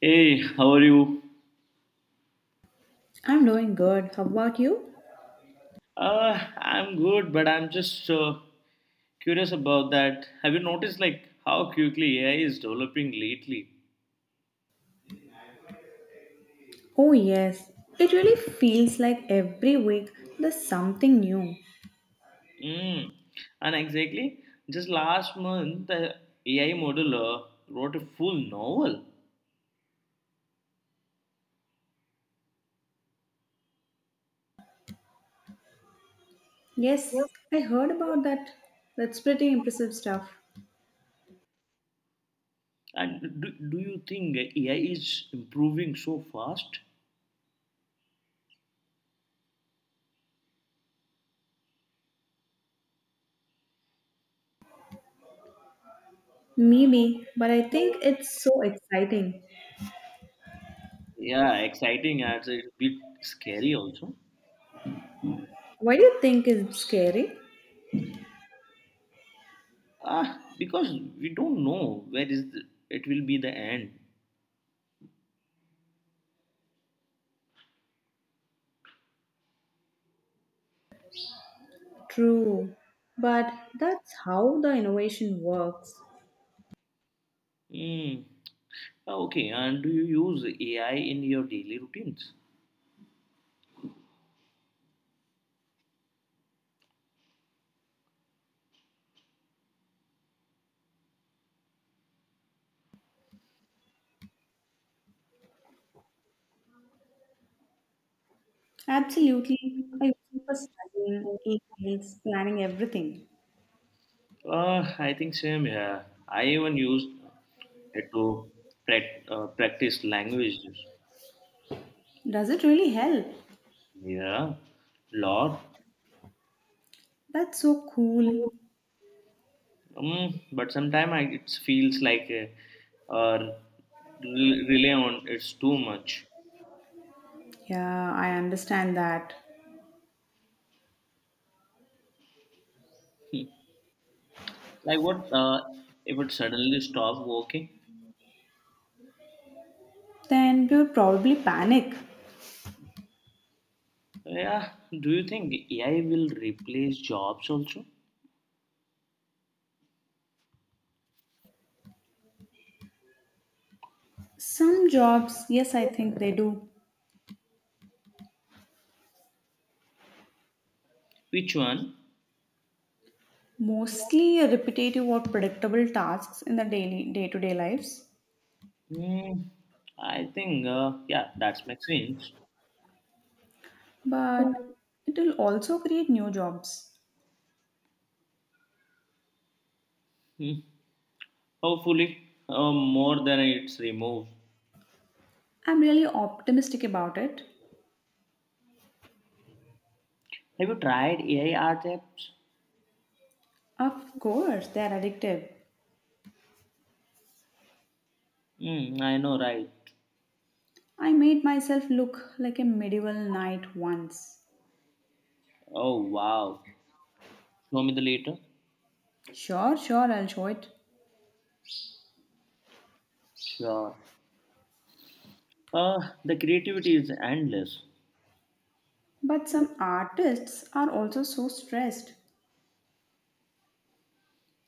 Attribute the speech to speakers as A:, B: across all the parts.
A: Hey, how are you?
B: I'm doing good. How about you?
A: I'm good, but I'm just curious about that. Have you noticed like how quickly AI is developing lately?
B: Oh, yes. It really feels like every week there's something new.
A: Mm. And exactly, just last month, the AI model wrote a full novel.
B: Yes, I heard about that. That's pretty impressive stuff.
A: And do you think AI is improving so fast?
B: Maybe, but I think it's so exciting.
A: Yeah, exciting. It's a bit scary also.
B: Why do you think it's scary?
A: Ah, because we don't know where is the, it will be the end.
B: True, but that's how the innovation works.
A: Hmm. Okay, and do you use AI in your daily routines?
B: Absolutely. I use it for studying, emails, planning everything.
A: I think same. Yeah, I even used it to practice languages.
B: Does it really help?
A: Yeah, lot.
B: That's so cool.
A: But sometimes it feels like rely on it's too much.
B: Yeah, I understand that.
A: Hmm. Like what if it suddenly stop working?
B: Then we would probably panic.
A: Yeah, do you think AI will replace jobs also?
B: Some jobs, yes, I think they do.
A: Which one?
B: Mostly repetitive or predictable tasks in the daily day-to-day lives,
A: Hmm, I think, yeah, that's my sense.
B: but it will also create new jobs.
A: Mm, hopefully, more than it's removed.
B: I'm really optimistic about it.
A: Have you tried AI art apps?
B: Of course, they're addictive.
A: Hmm, I know, right?
B: I made myself look like a medieval knight once.
A: Oh, wow. Show me the later.
B: Sure, sure, I'll show it.
A: Sure. The creativity is endless.
B: But some artists are also so stressed.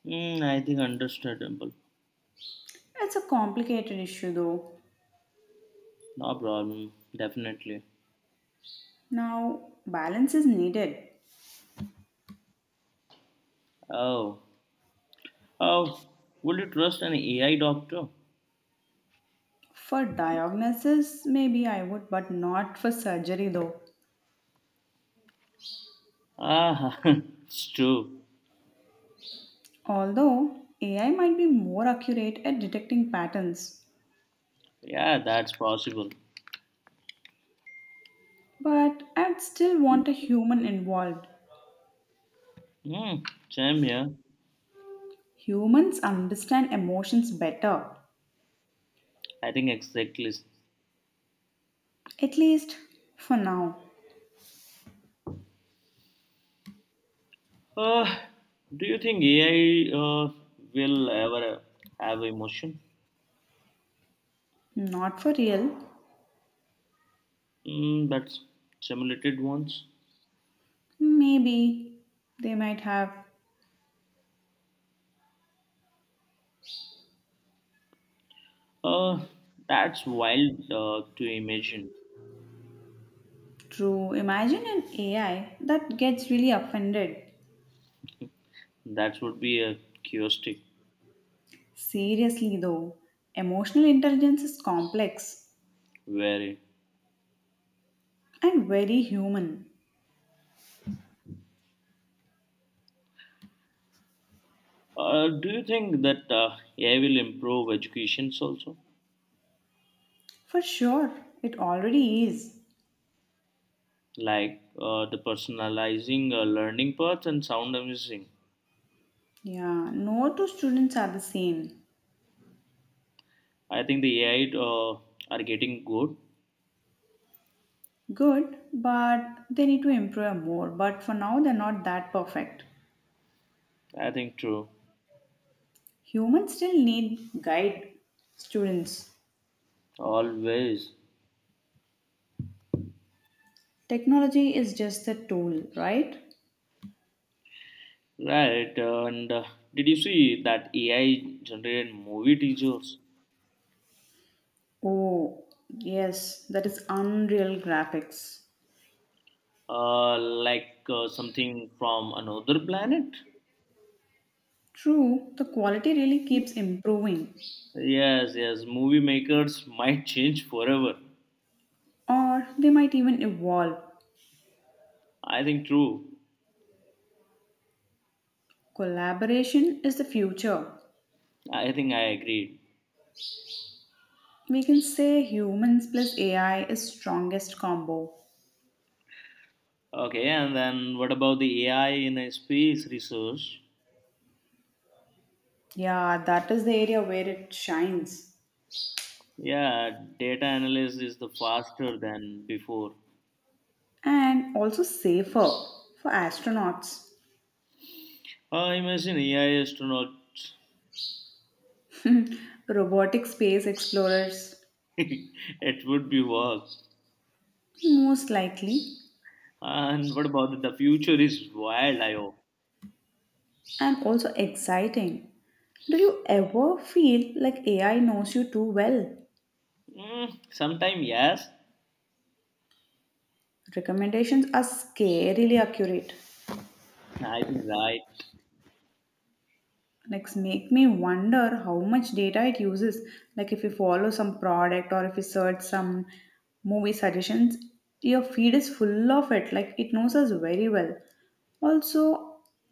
A: Hmm, I think understandable.
B: It's a complicated issue though.
A: No problem. Definitely.
B: Now, balance is needed.
A: Oh, oh, would you trust an AI doctor?
B: For diagnosis, maybe I would, but not for surgery though.
A: Ah, it's true.
B: Although AI might be more accurate at detecting patterns,
A: Yeah, that's possible.
B: but I'd still want a human involved.
A: Hmm, same here.
B: Humans understand emotions better,
A: I think exactly.
B: at least for now.
A: Uh, do you think AI will ever have emotion?
B: Not for real.
A: Mm, that's simulated ones.
B: Maybe they might have.
A: Uh, that's wild to imagine.
B: True. Imagine an AI that gets really offended.
A: That would be a curiosity.
B: Seriously though, emotional intelligence is complex
A: Very.
B: and very human.
A: Do you think that AI will improve educations also?
B: For sure, it already is.
A: Like the personalizing learning paths and sound amazing.
B: Yeah, no two students are the same.
A: I think the AI are getting good.
B: Good, but they need to improve more. But for now, they're not that perfect.
A: I think true.
B: Humans still need guide students.
A: Always.
B: Technology is just a tool, right?
A: Right, and did you see that AI generated movie teasers?
B: Oh, yes, that is Unreal Graphics.
A: Like something from another planet?
B: True, the quality really keeps improving,
A: Yes, yes, movie makers might change forever.
B: or they might even evolve.
A: I think true.
B: Collaboration is the future.
A: I think I agreed.
B: We can say humans plus AI is strongest combo.
A: Okay, and then what about the AI in a space research?
B: Yeah, that is the area where it shines.
A: Yeah, data analysis is the faster than before.
B: And also safer for astronauts,
A: Imagine AI astronauts.
B: robotic space explorers,
A: It would be work.
B: most likely,
A: And what about the future is wild, I hope.
B: and also exciting. Do you ever feel like AI knows you too well?
A: Mm, sometime, yes.
B: Recommendations are scarily accurate.
A: I think right.
B: Like, make me wonder how much data it uses, like if you follow some product or if you search some movie suggestions, your feed is full of it. Like it knows us very well also.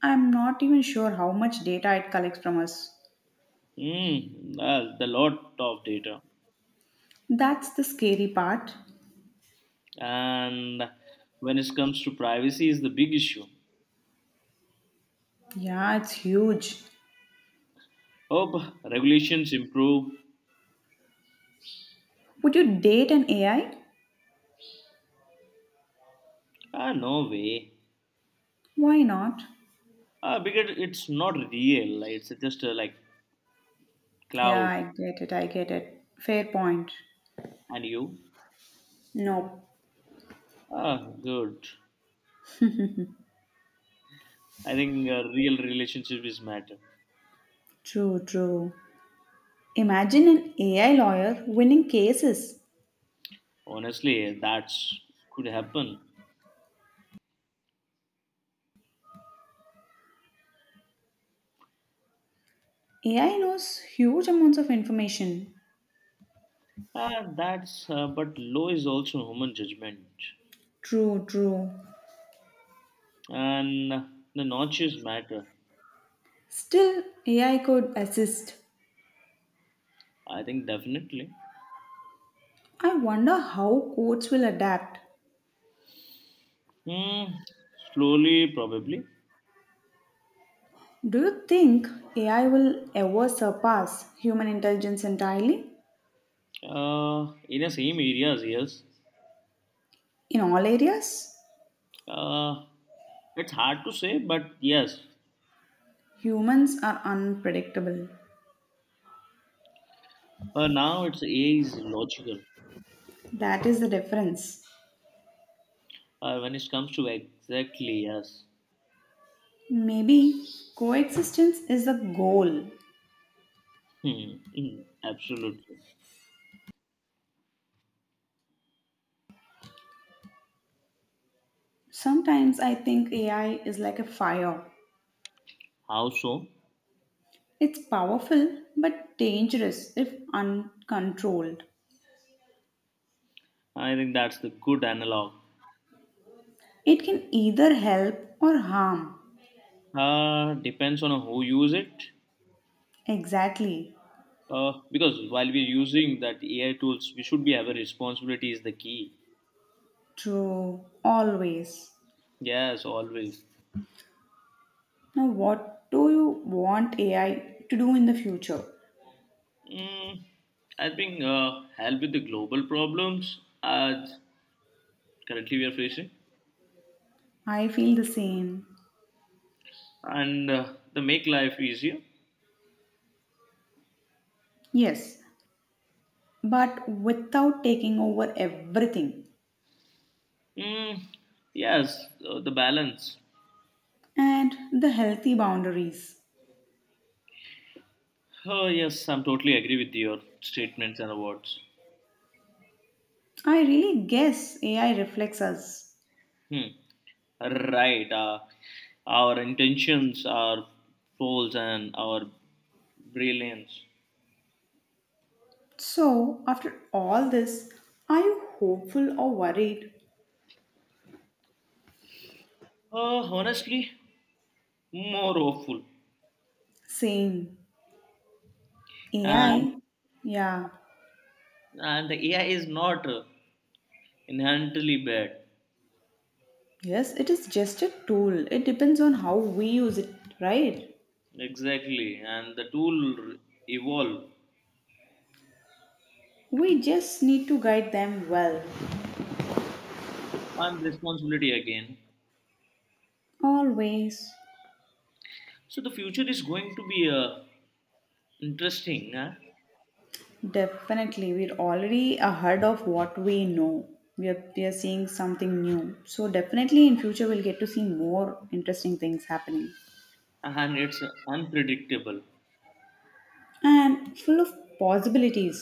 B: I'm not even sure how much data it collects from us.
A: Mm, well, the lot of data.
B: That's the scary part.
A: And when it comes to privacy is the big issue.
B: Yeah, it's huge.
A: Hope regulations improve.
B: Would you date an AI?
A: Ah, no way.
B: Why not?
A: Ah, because it's not real. It's just like
B: Yeah,
A: cloud.
B: I get it, I get it. Fair point.
A: And you?
B: No.
A: Ah, good. I think a real relationship is matter.
B: True, true. Imagine an AI lawyer winning cases.
A: Honestly, that's could happen.
B: AI knows huge amounts of information.
A: That's but law is also human judgment
B: True, true.
A: and the notches matter.
B: Still, AI could assist.
A: I think definitely.
B: I wonder how courts will adapt.
A: Hmm, slowly, probably.
B: Do you think AI will ever surpass human intelligence entirely?
A: In the same areas, yes.
B: In all areas?
A: Uh, it's hard to say, but yes.
B: Humans are unpredictable.
A: Now it's A is logical.
B: That is the difference.
A: When it comes to exactly, yes.
B: Maybe coexistence is the goal.
A: Hmm, absolutely.
B: Sometimes I think AI is like a fire.
A: How so?
B: It's powerful but dangerous if uncontrolled.
A: I think that's the good analog.
B: It can either help or harm.
A: Depends on who use it.
B: Exactly.
A: Because while we're using that AI tools, we should be have a responsibility is the key.
B: True. Always.
A: Yes, always.
B: Now, what do you want AI to do in the future?
A: Mm, I think help with the global problems as currently we are facing,
B: I feel the same.
A: and the make life easier.
B: Yes, but without taking over everything
A: Mm, yes, the balance.
B: and the healthy boundaries.
A: Oh yes, I'm totally agree with your statements and awards.
B: I really guess AI reflects us.
A: Hmm. Right. Our intentions, our goals, and our brilliance.
B: So, after all this, are you hopeful or worried?
A: Honestly, more awful.
B: Same.
A: and
B: AI, yeah.
A: and the AI is not inherently bad.
B: Yes, it is just a tool. It depends on how we use it, right?
A: Exactly. And the tool evolve.
B: We just need to guide them well.
A: And responsibility again.
B: Always.
A: So the future is going to be interesting, huh?
B: Definitely. We're already ahead of what we know. We are seeing something new. So, definitely in future, we'll get to see more interesting things happening
A: And it's unpredictable,
B: and full of possibilities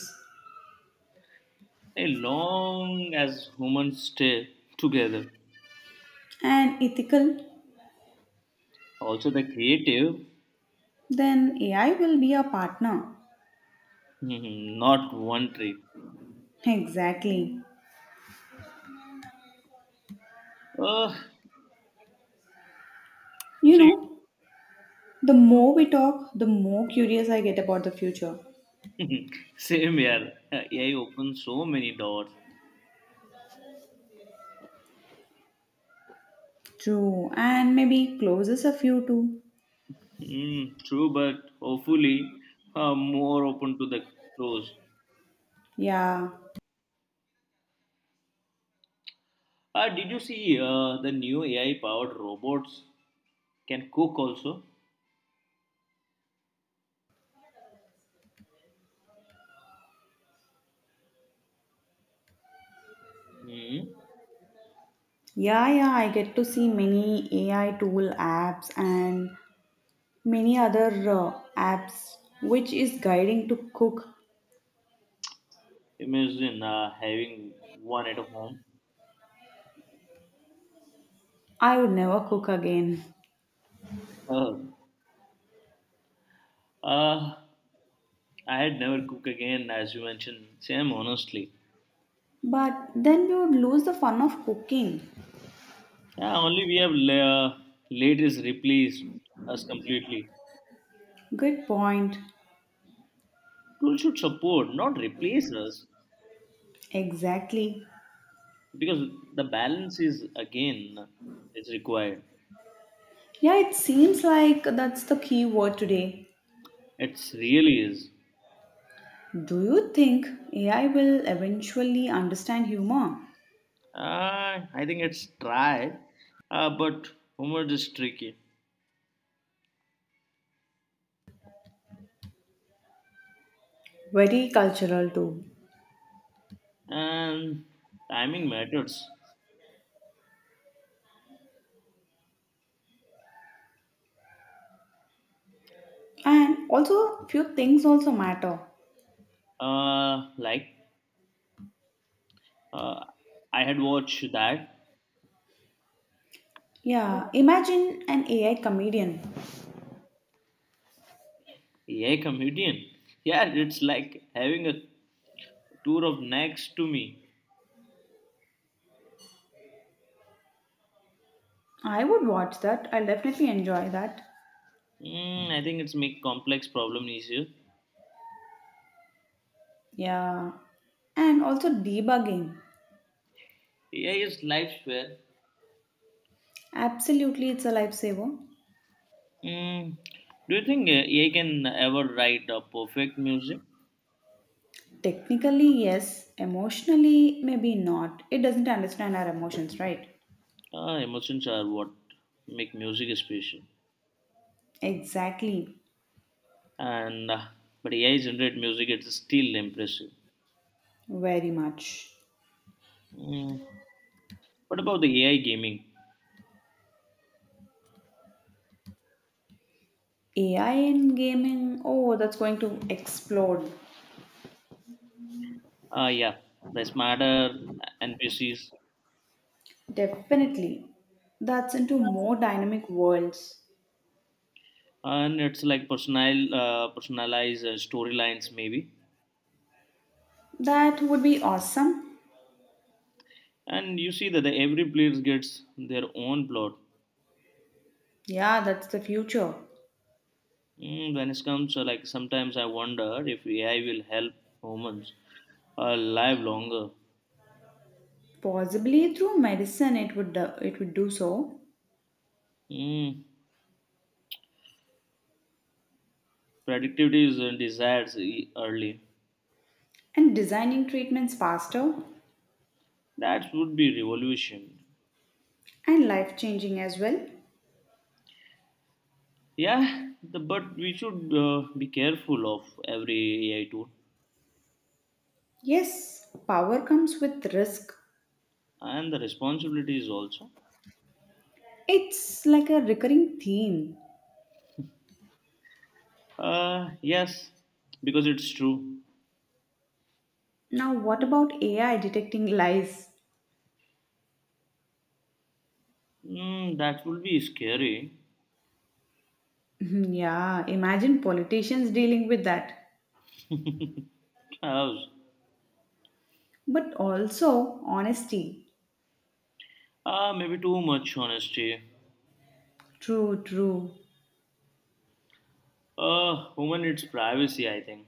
A: as long as humans stay together.
B: and ethical.
A: Also the creative.
B: Then AI will be our partner.
A: Mhm, not one tree.
B: Exactly.
A: uh,
B: You
A: so you,
B: know, the more we talk, the more curious I get about the future.
A: same here. AI opens so many doors.
B: True, and maybe closes a few too.
A: Mm, true, but hopefully more open to the close.
B: Yeah,
A: Did you see the new AI-powered robots can cook also? Mm,
B: yeah, yeah. I get to see many AI tool apps and many other apps which is guiding to cook.
A: imagine having one at home.
B: I would never cook again.
A: Uh, uh, I had never cook again, as you mentioned. Same, honestly.
B: But then we would lose the fun of cooking.
A: Yeah, only we have ladies replace us completely.
B: Good point.
A: Tool should support, not replace us,
B: Exactly.
A: because the balance is again is required.
B: Yeah, it seems like that's the key word today.
A: It's really is.
B: Do you think AI will eventually understand humor?
A: I think it's tried, but humor is tricky,
B: Very cultural too.
A: and timing matters.
B: And also few things also matter.
A: Like uh, I had watched that.
B: Yeah, imagine an AI comedian.
A: Yeah, comedian. Yeah, it's like having a tour of next to me.
B: I would watch that. I'll definitely enjoy that.
A: Mm, I think it's make complex problem easier.
B: Yeah. And also debugging.
A: AI is life fair.
B: Absolutely it's a lifesaver.
A: Mm, do you think AI can ever write a perfect music?
B: Technically yes, emotionally maybe not. It doesn't understand our emotions, right?
A: Emotions are what make music special.
B: Exactly.
A: And but AI generated music it's still impressive.
B: Very much.
A: Mm. What about the AI gaming?
B: AI in gaming, oh, that's going to explode.
A: Yeah, the smarter NPCs.
B: Definitely. That's into more dynamic worlds.
A: And it's like personalized storylines, maybe.
B: That would be awesome.
A: And you see that every player gets their own plot.
B: Yeah, that's the future.
A: Mm, when it comes to like sometimes I wonder if AI will help humans live longer.
B: Possibly through medicine it would do so,
A: Mm, productivity is desired early.
B: and designing treatments faster
A: That would be revolution.
B: and life changing as well.
A: Yeah, but we should be careful of every AI tool
B: Yes, power comes with risk.
A: and the responsibilities also.
B: It's like a recurring theme.
A: Yes, because it's true.
B: Now, what about AI detecting lies?
A: Mm, that will be scary.
B: Yeah, imagine politicians dealing with that.
A: Chaos.
B: But also honesty.
A: Maybe too much honesty.
B: True, true.
A: Woman, it's privacy, I think.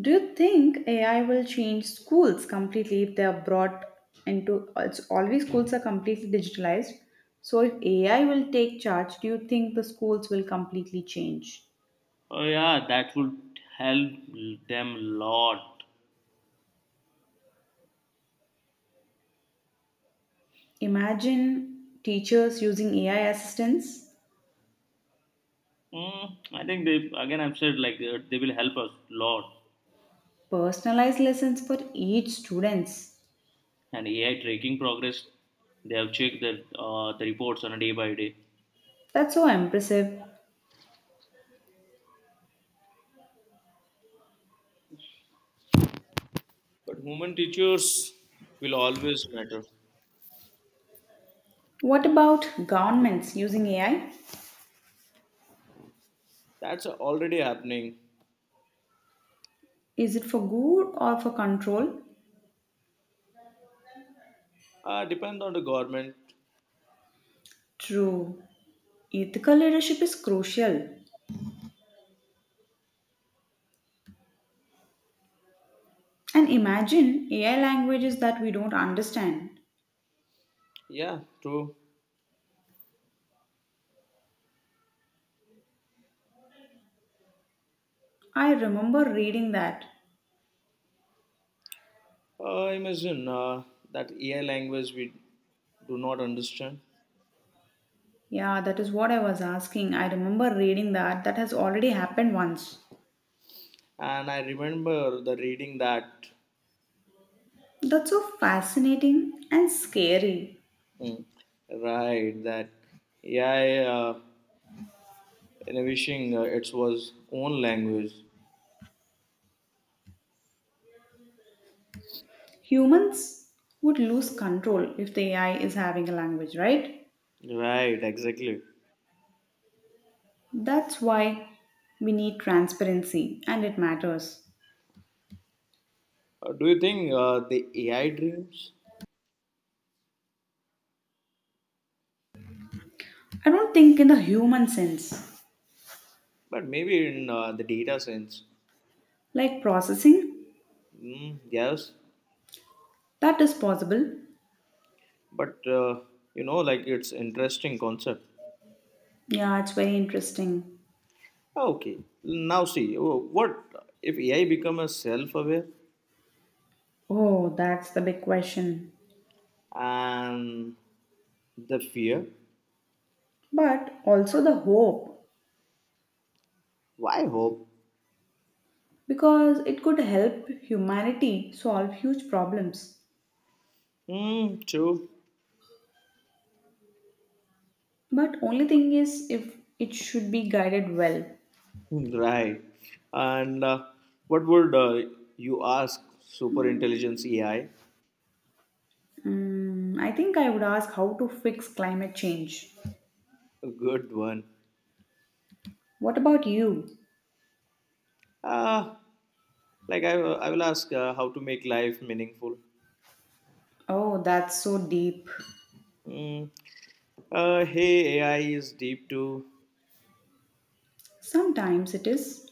B: Do you think AI will change schools completely if they are brought into it's always schools are completely digitalized. So if AI will take charge, do you think the schools will completely change?
A: Oh, yeah, that would help them lot.
B: Imagine teachers using AI assistants,
A: Mm, I think they, again, I've said like they will help us lot.
B: personalized lessons for each students.
A: And AI tracking progress, they have checked that the reports on a day by day.
B: That's so impressive.
A: But human teachers will always matter.
B: What about governments using AI?
A: That's already happening.
B: Is it for good or for control?
A: Depend on the government.
B: True. Ethical leadership is crucial. And imagine AI languages that we don't understand.
A: Yeah, true.
B: I remember reading that.
A: Imagine that AI language we do not understand.
B: Yeah, that is what I was asking. I remember reading that. That has already happened once.
A: And I remember the reading that,
B: That's so fascinating and scary.
A: mm, right, that AI innovation it was own language.
B: Humans would lose control if the AI is having a language, right?
A: Right, exactly.
B: That's why we need transparency and it matters.
A: Do you think the AI dreams?
B: I don't think in the human sense,
A: But maybe in the data sense.
B: like processing,
A: Mm, yes,
B: that is possible.
A: but you know like it's interesting concept.
B: Yeah, it's very interesting.
A: Ah, okay, now see. Oh, what if AI become a self-aware.
B: Oh, that's the big question.
A: And the fear.
B: But also the hope,
A: Why hope?
B: because it could help humanity solve huge problems.
A: Hmm, true.
B: But only thing is if it should be guided well.
A: Right. And what would you ask super intelligence AI?
B: Mm, I think I would ask how to fix climate change.
A: A good one.
B: What about you?
A: Uh, like I will ask how to make life meaningful.
B: Oh, that's so deep.
A: Mm. Hey, AI is deep too.
B: Sometimes it is.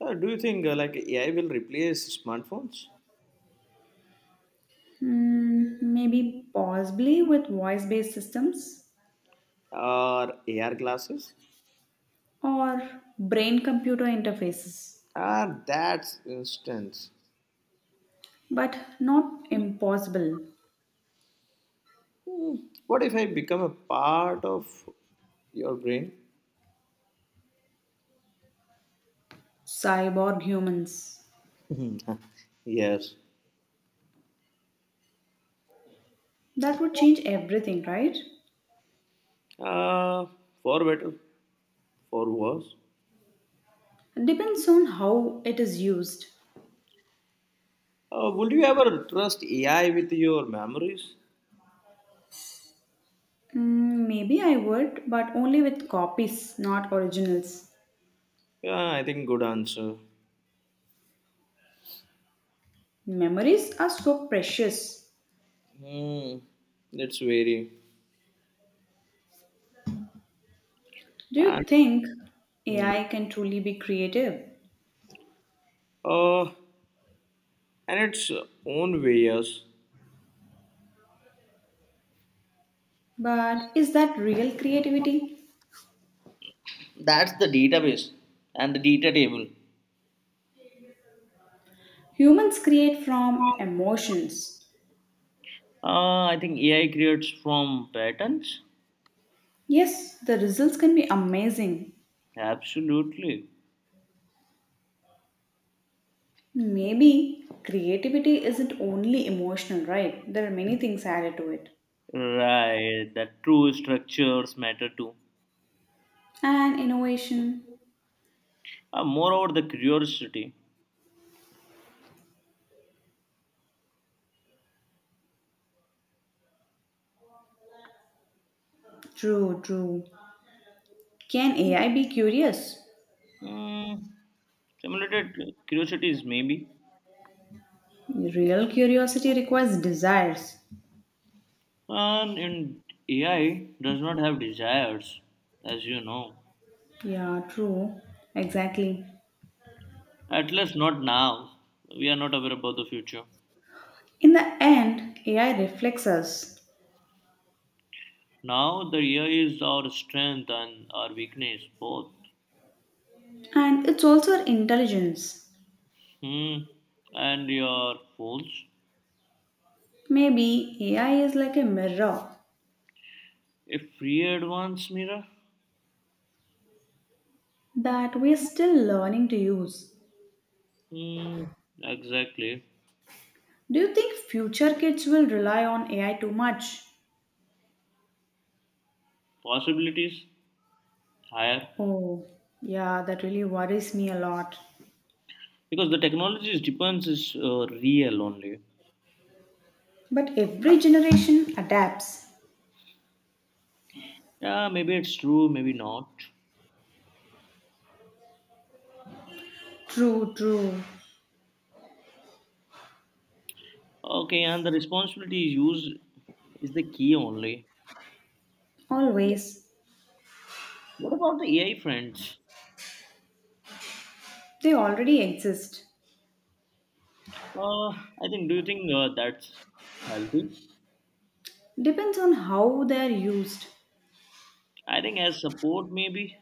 A: Do you think like AI will replace smartphones
B: Mm, maybe possibly with voice based systems
A: or AR glasses?
B: or brain computer interfaces.
A: Ah, that's instance.
B: But not impossible.
A: Hmm, what if I become a part of your brain?
B: Cyborg humans.
A: Yes.
B: That would change everything, right?
A: Uh, for better, for worse.
B: Depends on how it is used.
A: Would you ever trust AI with your memories?
B: Mm, maybe I would, but only with copies, not originals.
A: Yeah, I think good answer.
B: Memories are so precious.
A: Hmm. It's very.
B: Do
A: And
B: you think
A: hmm.
B: AI can truly be creative?
A: uh, and its own way, yes.
B: But is that real creativity?
A: That's the database and the data table.
B: Humans create from emotions.
A: I think AI creates from patterns.
B: Yes, the results can be amazing.
A: Absolutely.
B: Maybe creativity isn't only emotional, right? There are many things added to it.
A: Right. That true structures matter too.
B: And innovation.
A: Moreover, the curiosity.
B: True, true. Can AI be curious?
A: Mm, simulated curiosities, maybe.
B: Real curiosity requires desires.
A: And in AI does not have desires, as you know.
B: Yeah, true. Exactly.
A: At least not now. We are not aware about the future.
B: In the end, AI reflects us.
A: Now the AI is our strength and our weakness both.
B: And it's also our intelligence.
A: Hmm. And your phones?
B: Maybe AI is like a mirror
A: A free advance mirror?
B: that we're still learning to use.
A: Hmm. Exactly.
B: Do you think future kids will rely on AI too much?
A: Possibilities higher,
B: Oh, yeah, that really worries me a lot.
A: because the technology's depends is real only.
B: But every generation adapts.
A: Yeah, maybe it's true, maybe not.
B: True, true.
A: Okay, and the responsibility is used is the key only.
B: Always.
A: What about the AI friends?
B: They already exist.
A: I think. Do you think that's healthy?
B: Depends on how they're used.
A: I think as support maybe.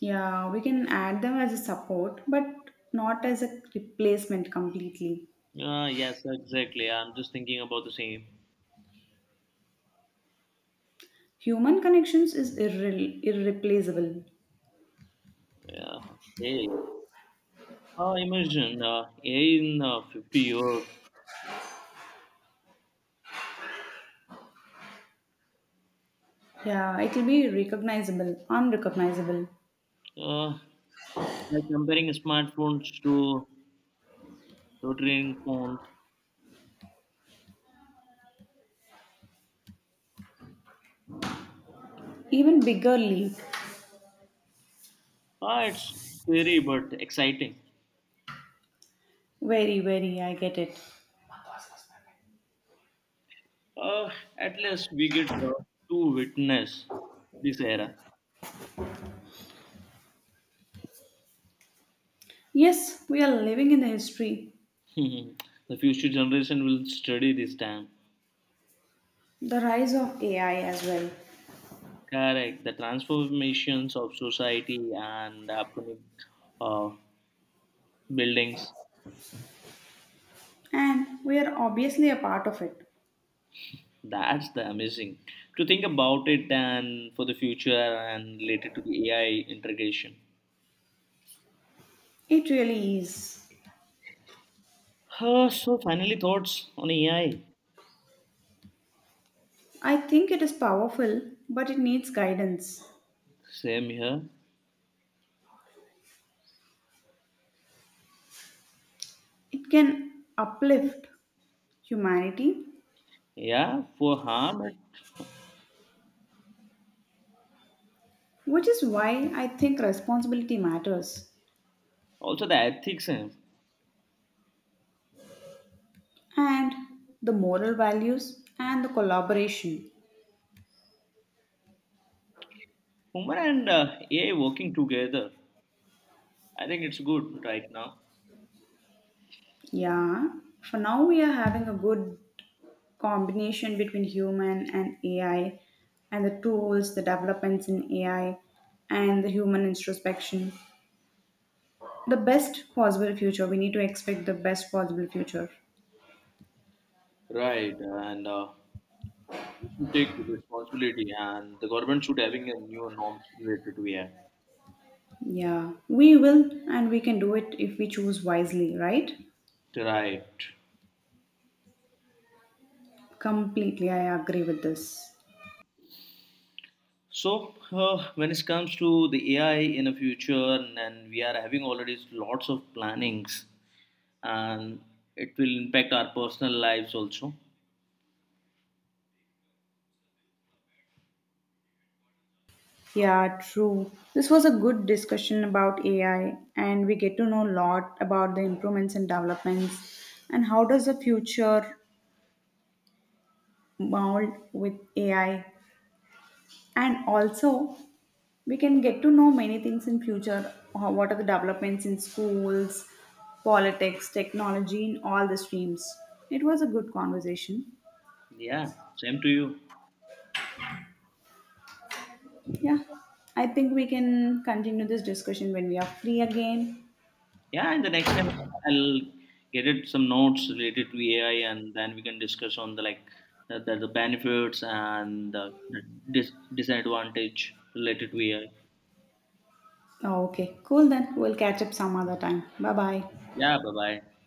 B: Yeah, we can add them as a support, but not as a replacement completely.
A: Yes, exactly. I'm just thinking about the same.
B: Human connections is irreplaceable.
A: Yeah. Okay. Imagine AI in 50 years,
B: Yeah, it will be recognizable, unrecognizable.
A: uh, like comparing smartphones to rotating phones.
B: Even bigger leap.
A: It's scary but exciting.
B: Very, very, I get it.
A: Uh, at least we get to witness this era.
B: Yes, we are living in the history,
A: The future generation will study this time.
B: the rise of AI as well.
A: Correct. The transformations of society and upcoming uh, buildings.
B: And we are obviously a part of it.
A: That's the amazing to think about it and for the future and related to the AI integration.
B: It really is.
A: So, finally thoughts on AI.
B: I think it is powerful, but it needs guidance.
A: Same here.
B: It can uplift humanity,
A: Yeah, for harm. And
B: which is why I think responsibility matters,
A: also the ethics. Eh.
B: and the moral values and the collaboration.
A: Human and AI working together. I think it's good right now.
B: Yeah, for now we are having a good combination between human and AI and the tools, the developments in AI and the human introspection. The best possible future. We need to expect the best possible future.
A: Right, and we should take responsibility, and the government should having a new norms related to AI.
B: Yeah, we will and we can do it if we choose wisely, right?
A: Right.
B: Completely, I agree with this.
A: So, when it comes to the AI in the future, and we are having already lots of plannings, and it will impact our personal lives also.
B: Yeah, true. This was a good discussion about AI, and we get to know a lot about the improvements and developments, and how does the future mold with AI. And also, we can get to know many things in future. What are the developments in schools, politics, technology, in all the streams? It was a good conversation.
A: Yeah, same to you.
B: Yeah, I think we can continue this discussion when we are free again.
A: Yeah, and the next time I'll get it some notes related to AI, and then we can discuss on the like the benefits and the disadvantage related to AI.
B: Okay, cool then. We'll catch up some other time. Bye bye.
A: Yeah, bye bye.